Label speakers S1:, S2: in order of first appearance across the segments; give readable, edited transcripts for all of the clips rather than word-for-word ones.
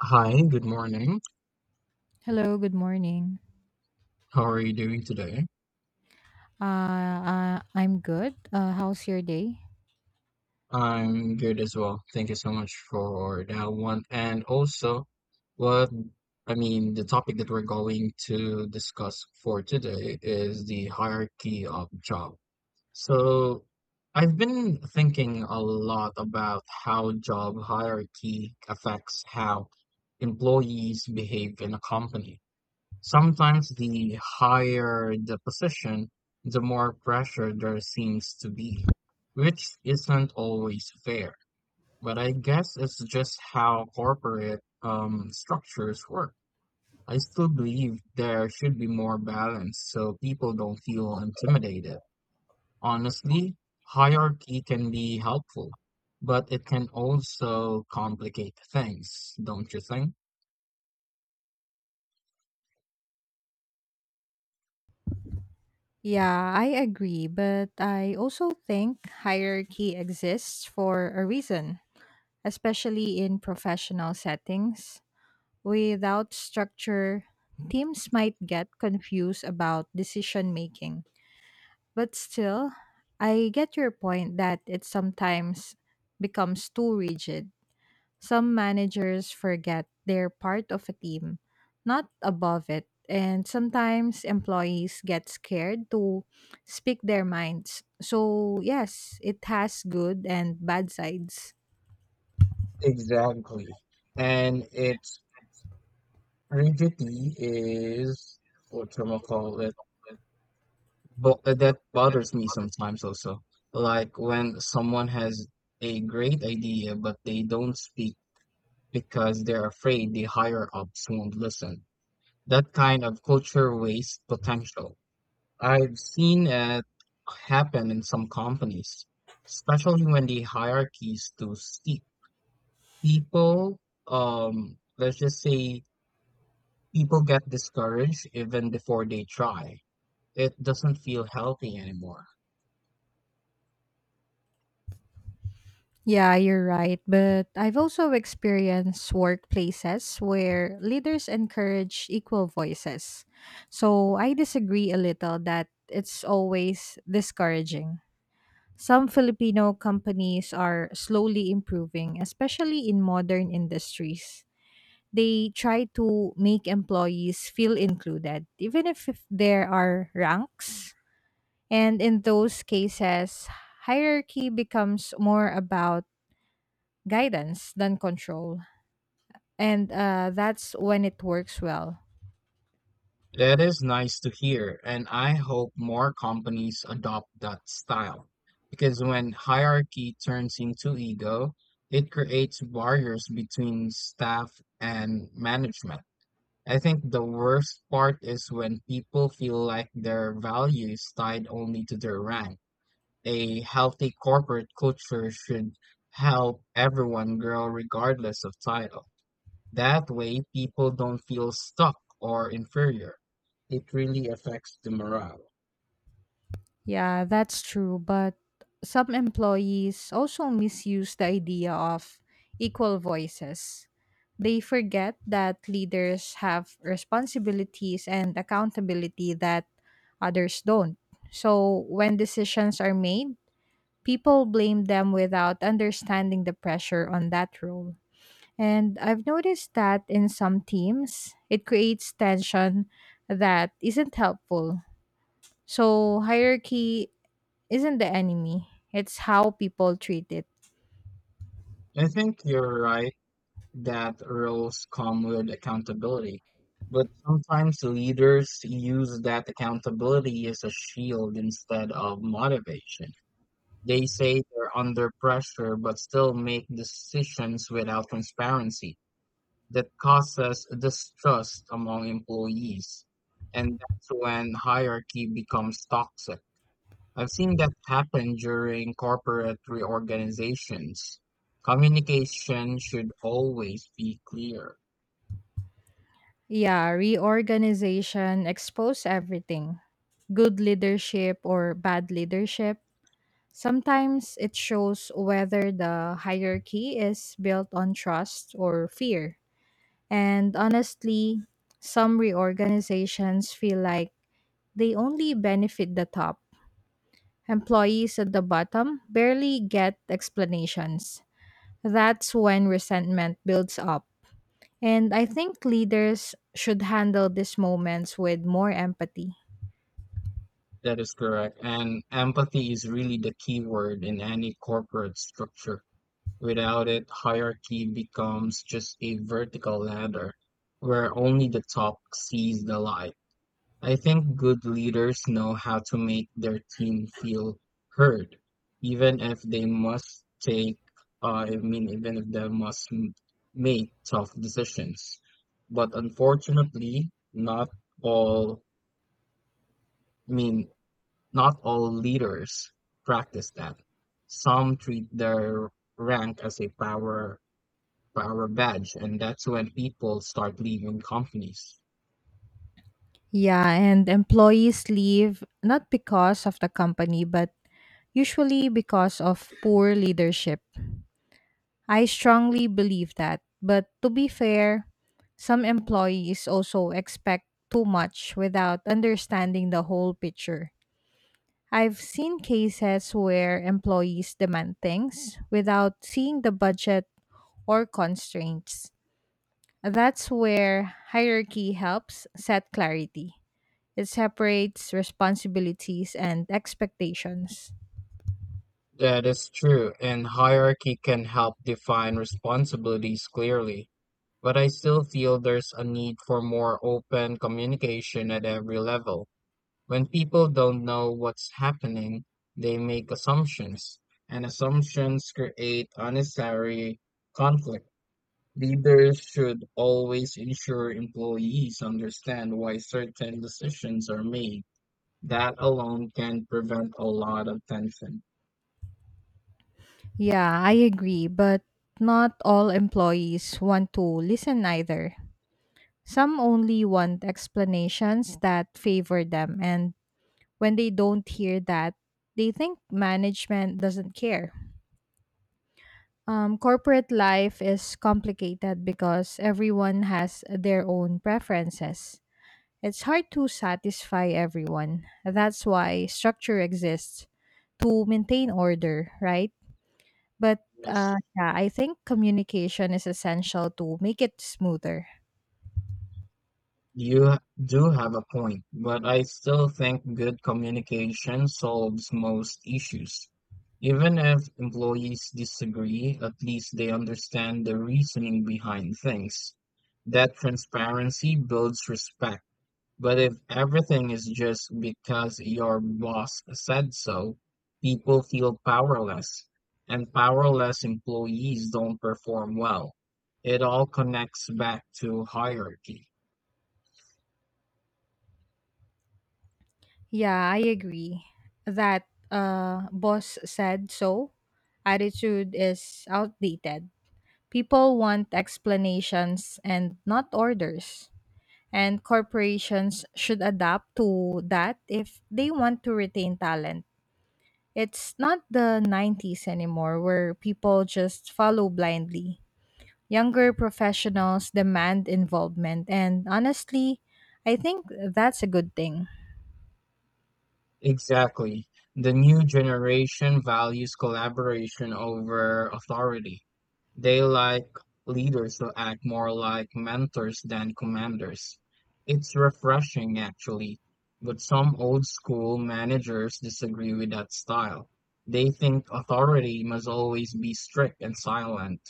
S1: Hi, good morning.
S2: Hello, good morning.
S1: How are you doing today?
S2: I'm good. How's your day?
S1: I'm good as well. Thank you so much for that one. And also, what the topic that we're going to discuss for today is the hierarchy of job. So, I've been thinking a lot about how job hierarchy affects how employees behave in a company. Sometimes the higher the position, the more pressure there seems to be, which isn't always fair. But I guess it's just how corporate structures work. I still believe there should be more balance so people don't feel intimidated. Honestly, hierarchy can be helpful, but it can also complicate things, don't you think?
S2: Yeah, I agree, but I also think hierarchy exists for a reason, especially in professional settings. Without structure, teams might get confused about decision making. But still, I get your point that it sometimes becomes too rigid. Some managers forget they're part of a team, not above it, and sometimes employees get scared to speak their minds. So, yes, it has good and bad sides.
S1: Exactly. And it's Rigidity is what you call it, but that bothers me sometimes also. Like when someone has a great idea, but they don't speak because they're afraid the higher ups won't listen. That kind of culture wastes potential. I've seen it happen in some companies, especially when the hierarchy is too steep. People, let's just say People get discouraged even before they try. It doesn't feel healthy anymore.
S2: Yeah, you're right. But I've also experienced workplaces where leaders encourage equal voices. So I disagree a little that it's always discouraging. Some Filipino companies are slowly improving, especially in modern industries. They try to make employees feel included, even if there are ranks. And in those cases, hierarchy becomes more about guidance than control. And that's when it works well.
S1: That is nice to hear, and I hope more companies adopt that style. Because when hierarchy turns into ego, it creates barriers between staff and management. I think the worst part is when people feel like their value is tied only to their rank. A healthy corporate culture should help everyone grow regardless of title. That way, people don't feel stuck or inferior. It really affects the morale.
S2: Yeah, that's true. But some employees also misuse the idea of equal voices. They forget that leaders have responsibilities and accountability that others don't. So when decisions are made, people blame them without understanding the pressure on that role. And I've noticed that in some teams, it creates tension that isn't helpful. So hierarchy isn't the enemy. It's how people treat it.
S1: I think you're right that roles come with accountability, but sometimes leaders use that accountability as a shield instead of motivation. They say they're under pressure but still make decisions without transparency that causes distrust among employees. And that's when hierarchy becomes toxic. I've seen that happen during corporate reorganizations. Communication should always be clear.
S2: Yeah, reorganization expose everything. Good leadership or bad leadership. Sometimes it shows whether the hierarchy is built on trust or fear. And honestly, some reorganizations feel like they only benefit the top. Employees at the bottom barely get explanations. That's when resentment builds up. And I think leaders should handle these moments with more empathy.
S1: That is correct. And empathy is really the key word in any corporate structure. Without it, hierarchy becomes just a vertical ladder where only the top sees the light. I think good leaders know how to make their team feel heard, even if they must take, I mean, even if they must m- make tough decisions. But unfortunately, all, I mean, not all leaders practice that. Some treat their rank as a power badge, and that's when people start leaving companies.
S2: Yeah, and employees leave not because of the company, but usually because of poor leadership. I strongly believe that. But to be fair, some employees also expect too much without understanding the whole picture. I've seen cases where employees demand things without seeing the budget or constraints. That's where hierarchy helps set clarity. It separates responsibilities and expectations.
S1: That is true, and hierarchy can help define responsibilities clearly, but I still feel there's a need for more open communication at every level. When people don't know what's happening, they make assumptions, and assumptions create unnecessary conflict. Leaders should always ensure employees understand why certain decisions are made. That alone can prevent a lot of tension.
S2: Yeah, I agree, but not all employees want to listen either. Some only want explanations that favor them, and when they don't hear that, they think management doesn't care. Corporate life is complicated because everyone has their own preferences. It's hard to satisfy everyone. That's why structure exists to maintain order, right? But yeah, I think communication is essential to make it smoother.
S1: You do have a point, but I still think good communication solves most issues. Even if employees disagree, at least they understand the reasoning behind things. That transparency builds respect. But if everything is just because your boss said so, people feel powerless, and powerless employees don't perform well. It all connects back to hierarchy.
S2: Yeah, I agree that boss said so. Attitude is outdated. People want explanations and not orders. And corporations should adapt to that if they want to retain talent. It's not the 90s anymore where people just follow blindly. Younger professionals demand involvement, and honestly, I think that's a good thing.
S1: Exactly. The new generation values collaboration over authority. They like leaders who act more like mentors than commanders. It's refreshing, actually, but some old school managers disagree with that style. They think authority must always be strict and silent.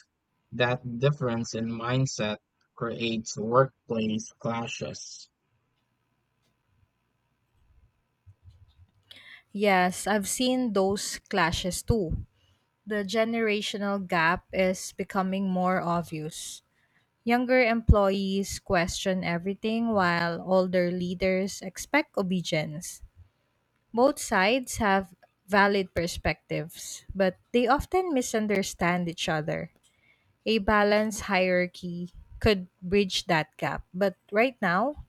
S1: That difference in mindset creates workplace clashes.
S2: Yes, I've seen those clashes too. The generational gap is becoming more obvious. Younger employees question everything while older leaders expect obedience. Both sides have valid perspectives, but they often misunderstand each other. A balanced hierarchy could bridge that gap, but right now,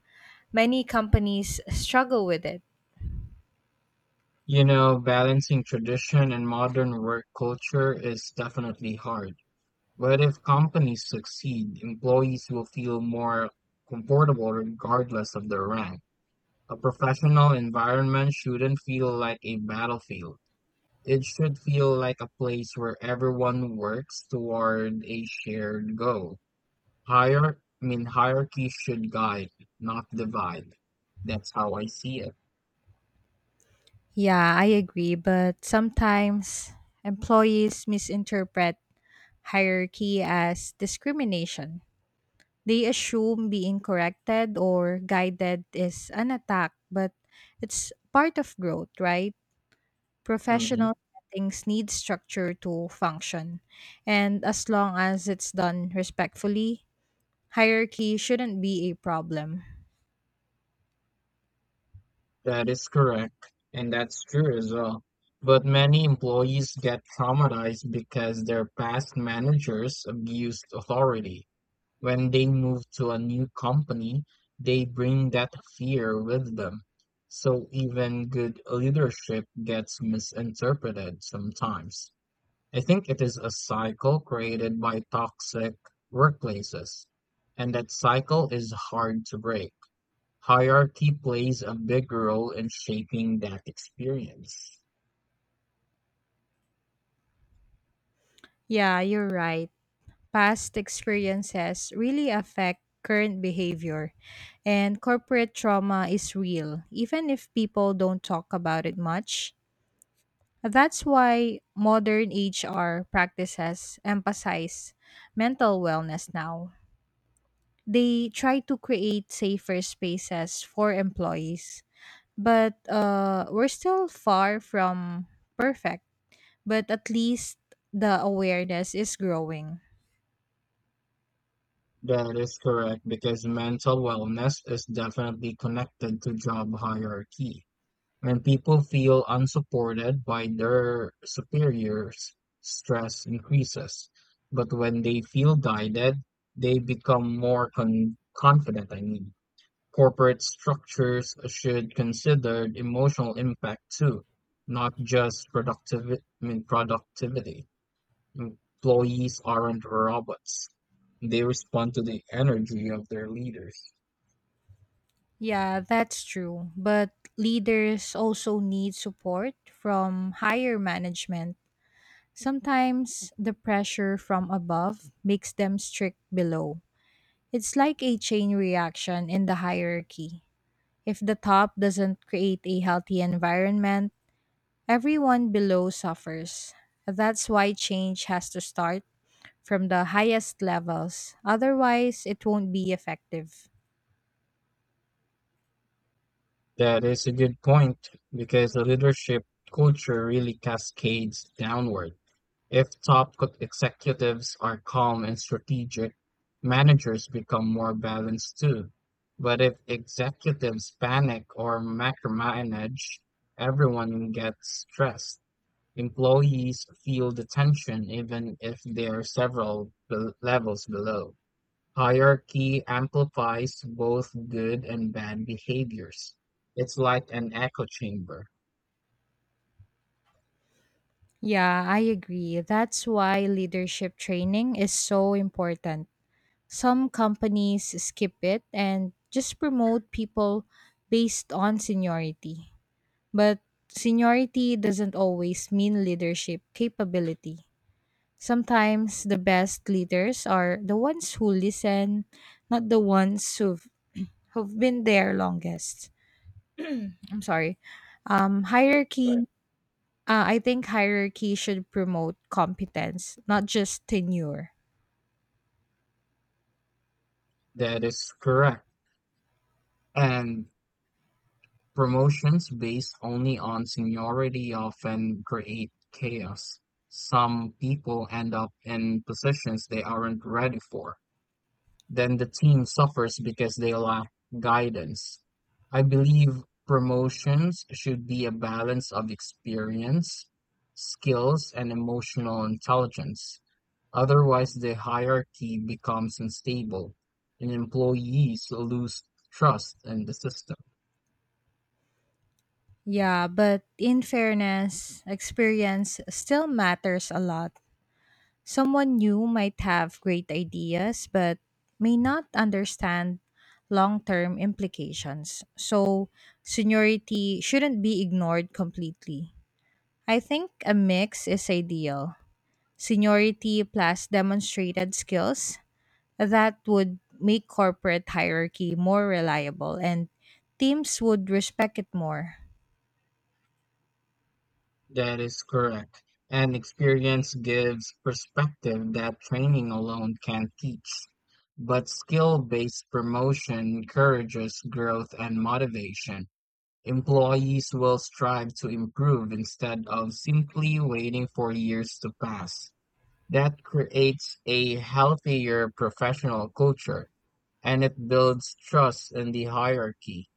S2: many companies struggle with it.
S1: You know, balancing tradition and modern work culture is definitely hard. But if companies succeed, employees will feel more comfortable regardless of their rank. A professional environment shouldn't feel like a battlefield. It should feel like a place where everyone works toward a shared goal. Hierarchy should guide, not divide. That's how I see it.
S2: Yeah, I agree, but sometimes employees misinterpret hierarchy as discrimination. They assume being corrected or guided is an attack, but it's part of growth, right?
S1: Hmm.
S2: Professional settings need structure to function, and as long as it's done respectfully, hierarchy shouldn't be a problem.
S1: That is correct, and that's true as well. But many employees get traumatized because their past managers abused authority. When they move to a new company, they bring that fear with them. So even good leadership gets misinterpreted sometimes. I think it is a cycle created by toxic workplaces, and that cycle is hard to break. Hierarchy plays a big role in shaping that experience.
S2: Yeah, you're right. Past experiences really affect current behavior, and corporate trauma is real, even if people don't talk about it much. That's why modern HR practices emphasize mental wellness now. They try to create safer spaces for employees, but we're still far from perfect. But at least the awareness is growing.
S1: That is correct because mental wellness is definitely connected to job hierarchy. When people feel unsupported by their superiors, stress increases. But when they feel guided, they become more confident. I mean, corporate structures should consider emotional impact too, not just productivity. Employees aren't robots. They respond to the energy of their leaders.
S2: Yeah, that's true. But leaders also need support from higher management. Sometimes the pressure from above makes them strict below. It's like a chain reaction in the hierarchy. If the top doesn't create a healthy environment, everyone below suffers. That's why change has to start from the highest levels. Otherwise, it won't be effective.
S1: That is a good point because the leadership culture really cascades downward. If top executives are calm and strategic, managers become more balanced too. But if executives panic or macromanage, everyone gets stressed. Employees feel the tension even if they are several levels below. Hierarchy amplifies both good and bad behaviors. It's like an echo chamber.
S2: Yeah, I agree. That's why leadership training is so important. Some companies skip it and just promote people based on seniority. But seniority doesn't always mean leadership capability. Sometimes the best leaders are the ones who listen, not the ones who've been there longest. I'm sorry. Hierarchy. I think hierarchy should promote competence, not just tenure.
S1: That is correct. And promotions based only on seniority often create chaos. Some people end up in positions they aren't ready for. Then the team suffers because they lack guidance. I believe promotions should be a balance of experience, skills, and emotional intelligence. Otherwise, the hierarchy becomes unstable and employees lose trust in the system.
S2: Yeah, but in fairness, experience still matters a lot. Someone new might have great ideas but may not understand long term implications. So, seniority shouldn't be ignored completely. I think a mix is ideal seniority plus demonstrated skills that would make corporate hierarchy more reliable and teams would respect it more.
S1: That is correct. And experience gives perspective that training alone can't teach. But skill based promotion encourages growth and motivation. Employees will strive to improve instead of simply waiting for years to pass. That creates a healthier professional culture and it builds trust in the hierarchy.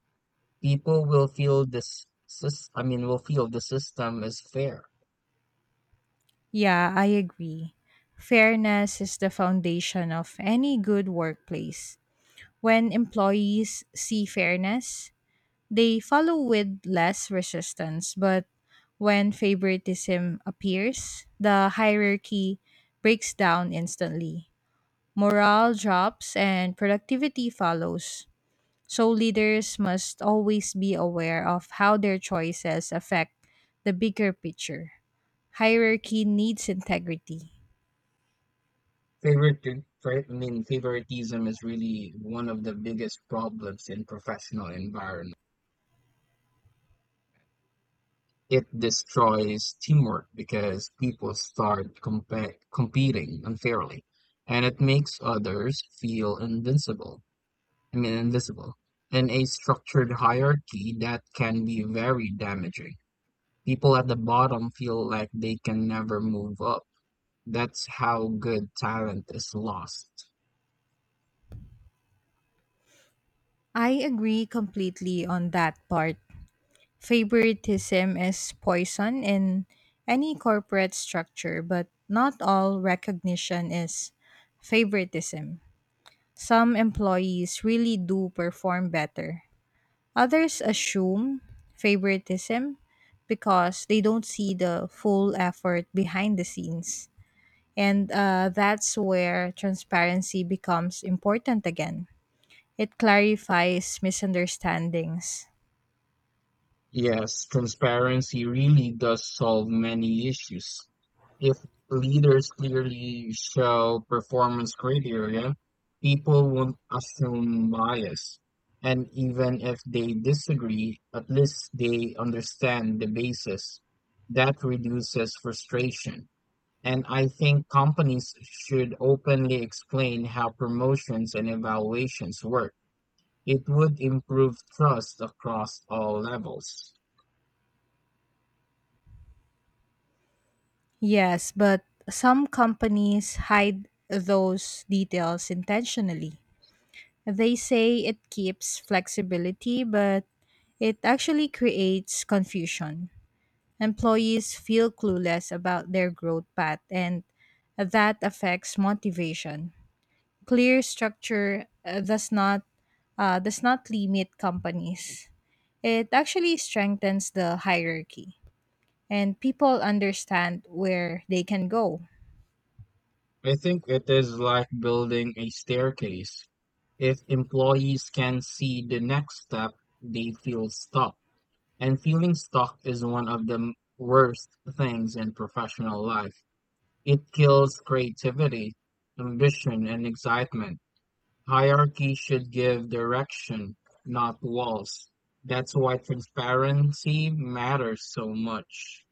S1: People will feel the system is fair.
S2: Yeah, I agree. Fairness is the foundation of any good workplace. When employees see fairness, they follow with less resistance. But when favoritism appears, the hierarchy breaks down instantly. Morale drops and productivity follows. So leaders must always be aware of how their choices affect the bigger picture. Hierarchy needs integrity.
S1: Favoritism is really one of the biggest problems in professional environment. It destroys teamwork because people start competing unfairly, and it makes others feel invincible. I mean, invisible. In a structured hierarchy, that can be very damaging. People at the bottom feel like they can never move up. That's how good talent is lost.
S2: I agree completely on that part. Favoritism is poison in any corporate structure, but not all recognition is favoritism. Some employees really do perform better. Others assume favoritism because they don't see the full effort behind the scenes. And that's where transparency becomes important again. It clarifies misunderstandings.
S1: Yes, transparency really does solve many issues. If leaders clearly show performance criteria, people won't assume bias. And even if they disagree, at least they understand the basis. That reduces frustration. And I think companies should openly explain how promotions and evaluations work. It would improve trust across all levels.
S2: Yes, but some companies hide those details intentionally. They say it keeps flexibility, but it actually creates confusion. Employees feel clueless about their growth path, and that affects motivation. Clear structure does not limit companies. It actually strengthens the hierarchy, and people understand where they can go.
S1: I think it is like building a staircase. If employees can see the next step, they feel stuck. And feeling stuck is one of the worst things in professional life. It kills creativity, ambition, and excitement. Hierarchy should give direction, not walls. That's why transparency matters so much.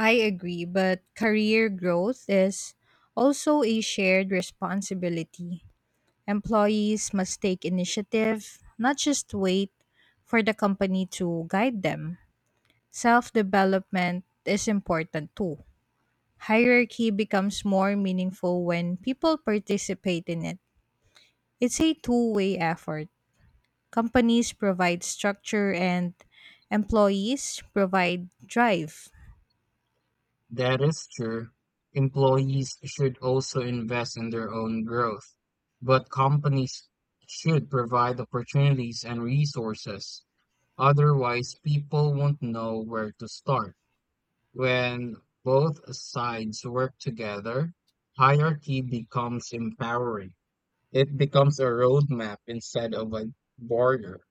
S2: I agree, but career growth is also a shared responsibility. Employees must take initiative, not just wait for the company to guide them. Self development is important too. Hierarchy becomes more meaningful when people participate in it. It's a two-way effort. Companies provide structure and employees provide drive.
S1: That is true. Employees should also invest in their own growth, but companies should provide opportunities and resources. Otherwise, people won't know where to start. When both sides work together, hierarchy becomes empowering. It becomes a roadmap instead of a border.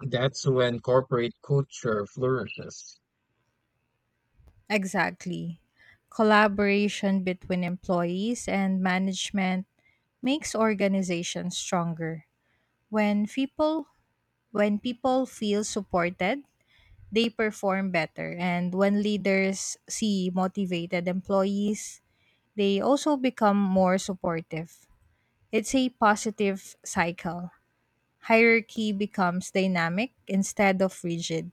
S1: That's when corporate culture flourishes.
S2: Exactly. Collaboration between employees and management makes organizations stronger. When people when people feel supported, they perform better and when leaders see motivated employees, they also become more supportive. It's a positive cycle. Hierarchy becomes dynamic instead of rigid,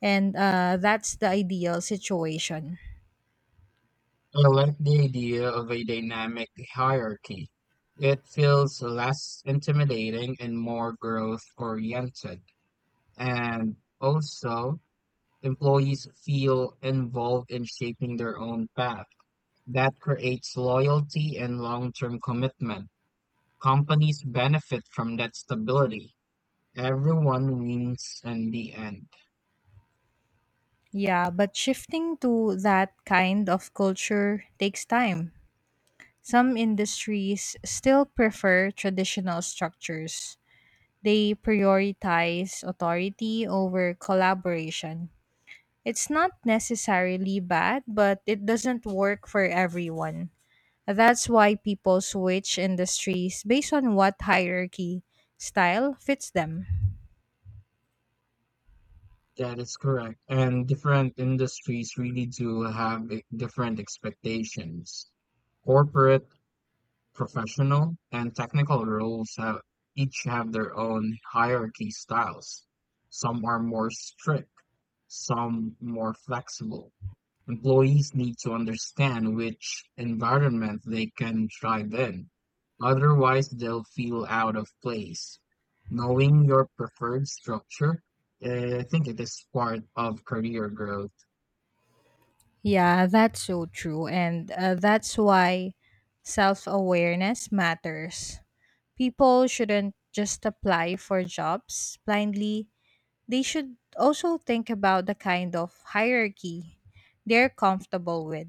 S2: and that's the ideal situation.
S1: I like the idea of a dynamic hierarchy. It feels less intimidating and more growth oriented. And also, employees feel involved in shaping their own path. That creates loyalty and long term commitment. Companies benefit from that stability. Everyone wins in the end.
S2: Yeah, but shifting to that kind of culture takes time. Some industries still prefer traditional structures. They prioritize authority over collaboration. It's not necessarily bad, but it doesn't work for everyone. That's why people switch industries based on what hierarchy style fits them.
S1: That is correct. And different industries really do have different expectations. Corporate, professional, and technical roles have each have their own hierarchy styles. Some are more strict, some more flexible. Employees need to understand which environment they can thrive in. Otherwise, they'll feel out of place. Knowing your preferred structure, I think it is part of career growth.
S2: Yeah, that's so true. And that's why self awareness matters. People shouldn't just apply for jobs blindly, they should also think about the kind of hierarchy they're comfortable with.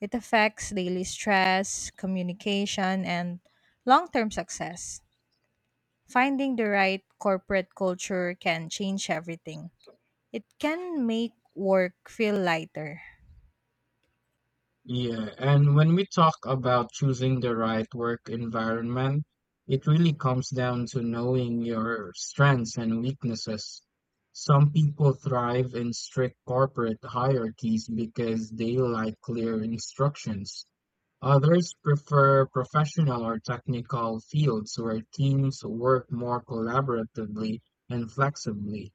S2: It affects daily stress, communication, and long term success. Finding the right corporate culture can change everything. It can make work feel lighter.
S1: Yeah, and when we talk about choosing the right work environment, it really comes down to knowing your strengths and weaknesses. Some people thrive in strict corporate hierarchies because they like clear instructions. Others prefer professional or technical fields where teams work more collaboratively and flexibly.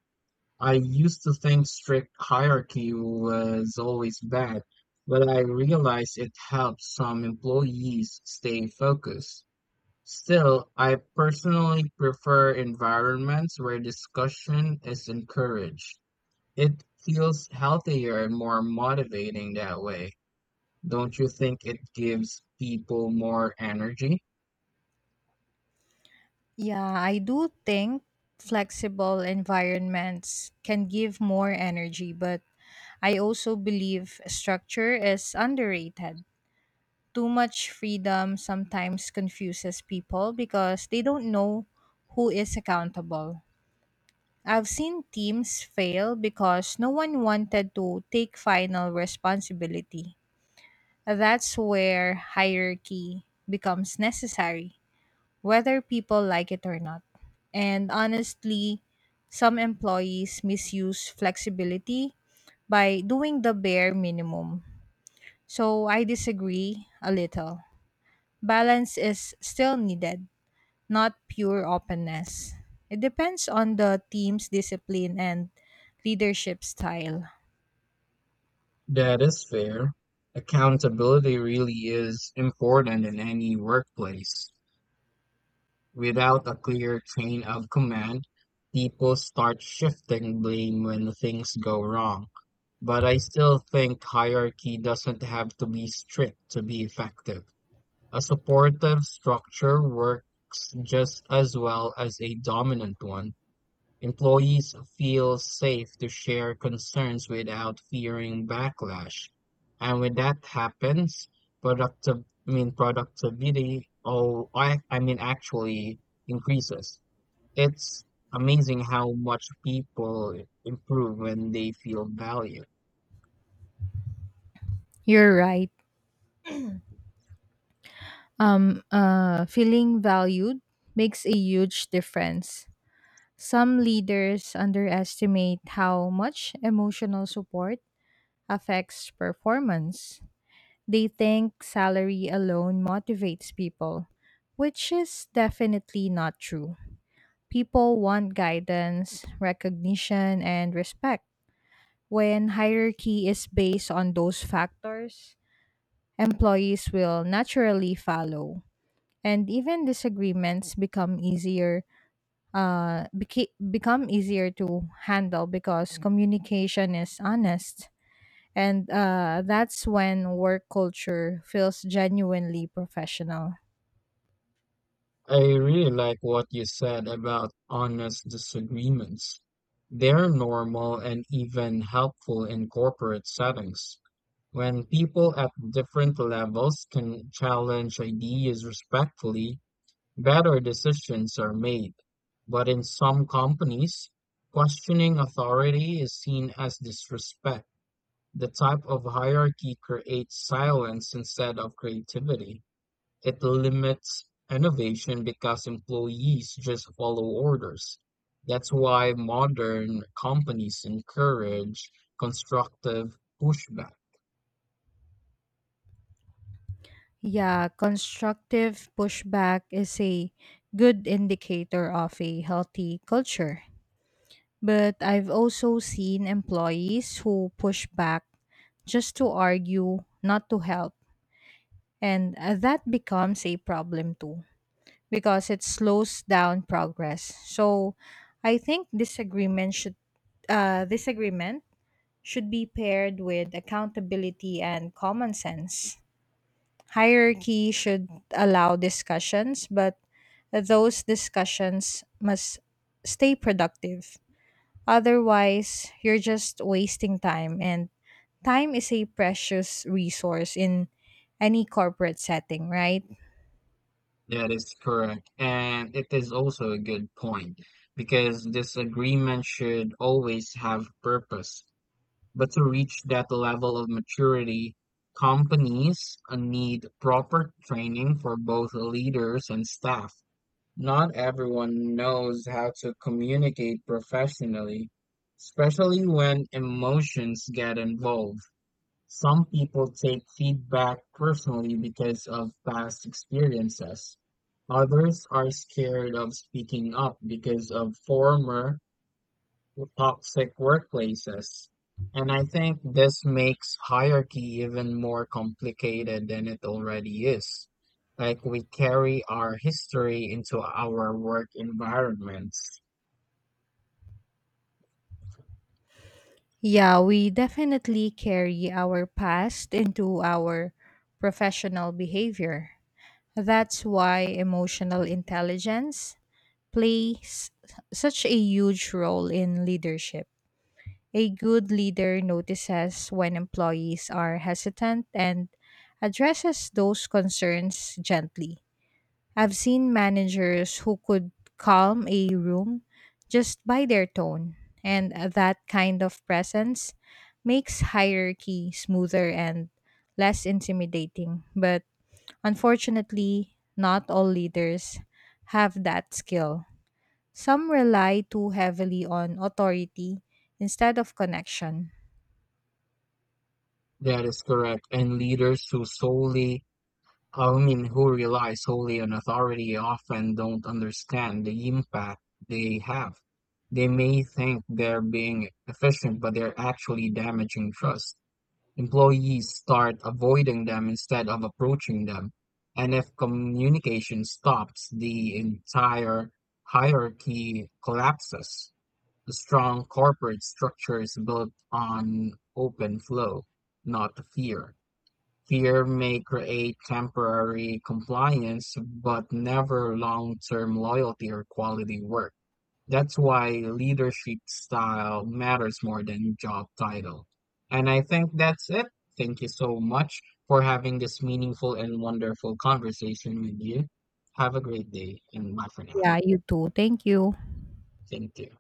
S1: I used to think strict hierarchy was always bad, but I realized it helps some employees stay focused. Still, I personally prefer environments where discussion is encouraged. It feels healthier and more motivating that way. Don't you think it gives people more energy?
S2: Yeah, I do think flexible environments can give more energy, but I also believe structure is underrated. Too much freedom sometimes confuses people because they don't know who is accountable. I've seen teams fail because no one wanted to take final responsibility. That's where hierarchy becomes necessary whether people like it or not. And honestly, some employees misuse flexibility by doing the bare minimum. So I disagree a little. Balance is still needed, not pure openness. It depends on the team's discipline and leadership style.
S1: That is fair. Accountability really is important in any workplace. Without a clear chain of command, people start shifting blame when things go wrong. But I still think hierarchy doesn't have to be strict to be effective. A supportive structure works just as well as a dominant one. Employees feel safe to share concerns without fearing backlash. And when that happens, productive, productivity, actually increases. It's amazing how much people improve when they feel valued.
S2: You're right. Feeling valued makes a huge difference. Some leaders underestimate how much emotional support affects performance. They think salary alone motivates people, which is definitely not true. People want guidance, recognition, and respect. When hierarchy is based on those factors, employees will naturally follow, and even disagreements become easier become easier to handle because communication is honest. And that's when work culture feels genuinely professional.
S1: I really like what you said about honest disagreements. They're normal and even helpful in corporate settings. When people at different levels can challenge ideas respectfully, better decisions are made. But in some companies, questioning authority is seen as disrespect. The type of hierarchy creates silence instead of creativity. It limits innovation because employees just follow orders. That's why modern companies encourage constructive pushback.
S2: Yeah, constructive pushback is a good indicator of a healthy culture. But I've also seen employees who push back just to argue, not to help. And that becomes a problem too because it slows down progress. So I think disagreement should be paired with accountability and common sense. Hierarchy should allow discussions, but those discussions must stay productive. Otherwise, you're just wasting time, and time is a precious resource in any corporate setting, right?
S1: That is correct. And it is also a good point because this agreement should always have purpose. But to reach that level of maturity, companies need proper training for both leaders and staff. Not everyone knows how to communicate professionally, especially when emotions get involved. Some people take feedback personally because of past experiences. Others are scared of speaking up because of former toxic workplaces. And I think this makes hierarchy even more complicated than it already is. Like we carry our history into our work environments.
S2: Yeah, we definitely carry our past into our professional behavior. That's why emotional intelligence plays such a huge role in leadership. A good leader notices when employees are hesitant and addresses those concerns gently. I've seen managers who could calm a room just by their tone, and that kind of presence makes hierarchy smoother and less intimidating. But unfortunately, not all leaders have that skill. Some rely too heavily on authority instead of connection.
S1: That is correct. And leaders who solely Women who rely solely on authority often don't understand the impact they have. They may think they're being efficient, but they're actually damaging trust. Employees start avoiding them instead of approaching them. And if communication stops, the entire hierarchy collapses. A strong corporate structure is built on open flow, not fear. Fear may create temporary compliance, but never long-term loyalty or quality work. That's why leadership style matters more than job title. And I think that's it. Thank you so much for having this meaningful and wonderful conversation with you. Have a great day and bye for now.
S2: Yeah, you too. Thank you.
S1: Thank you.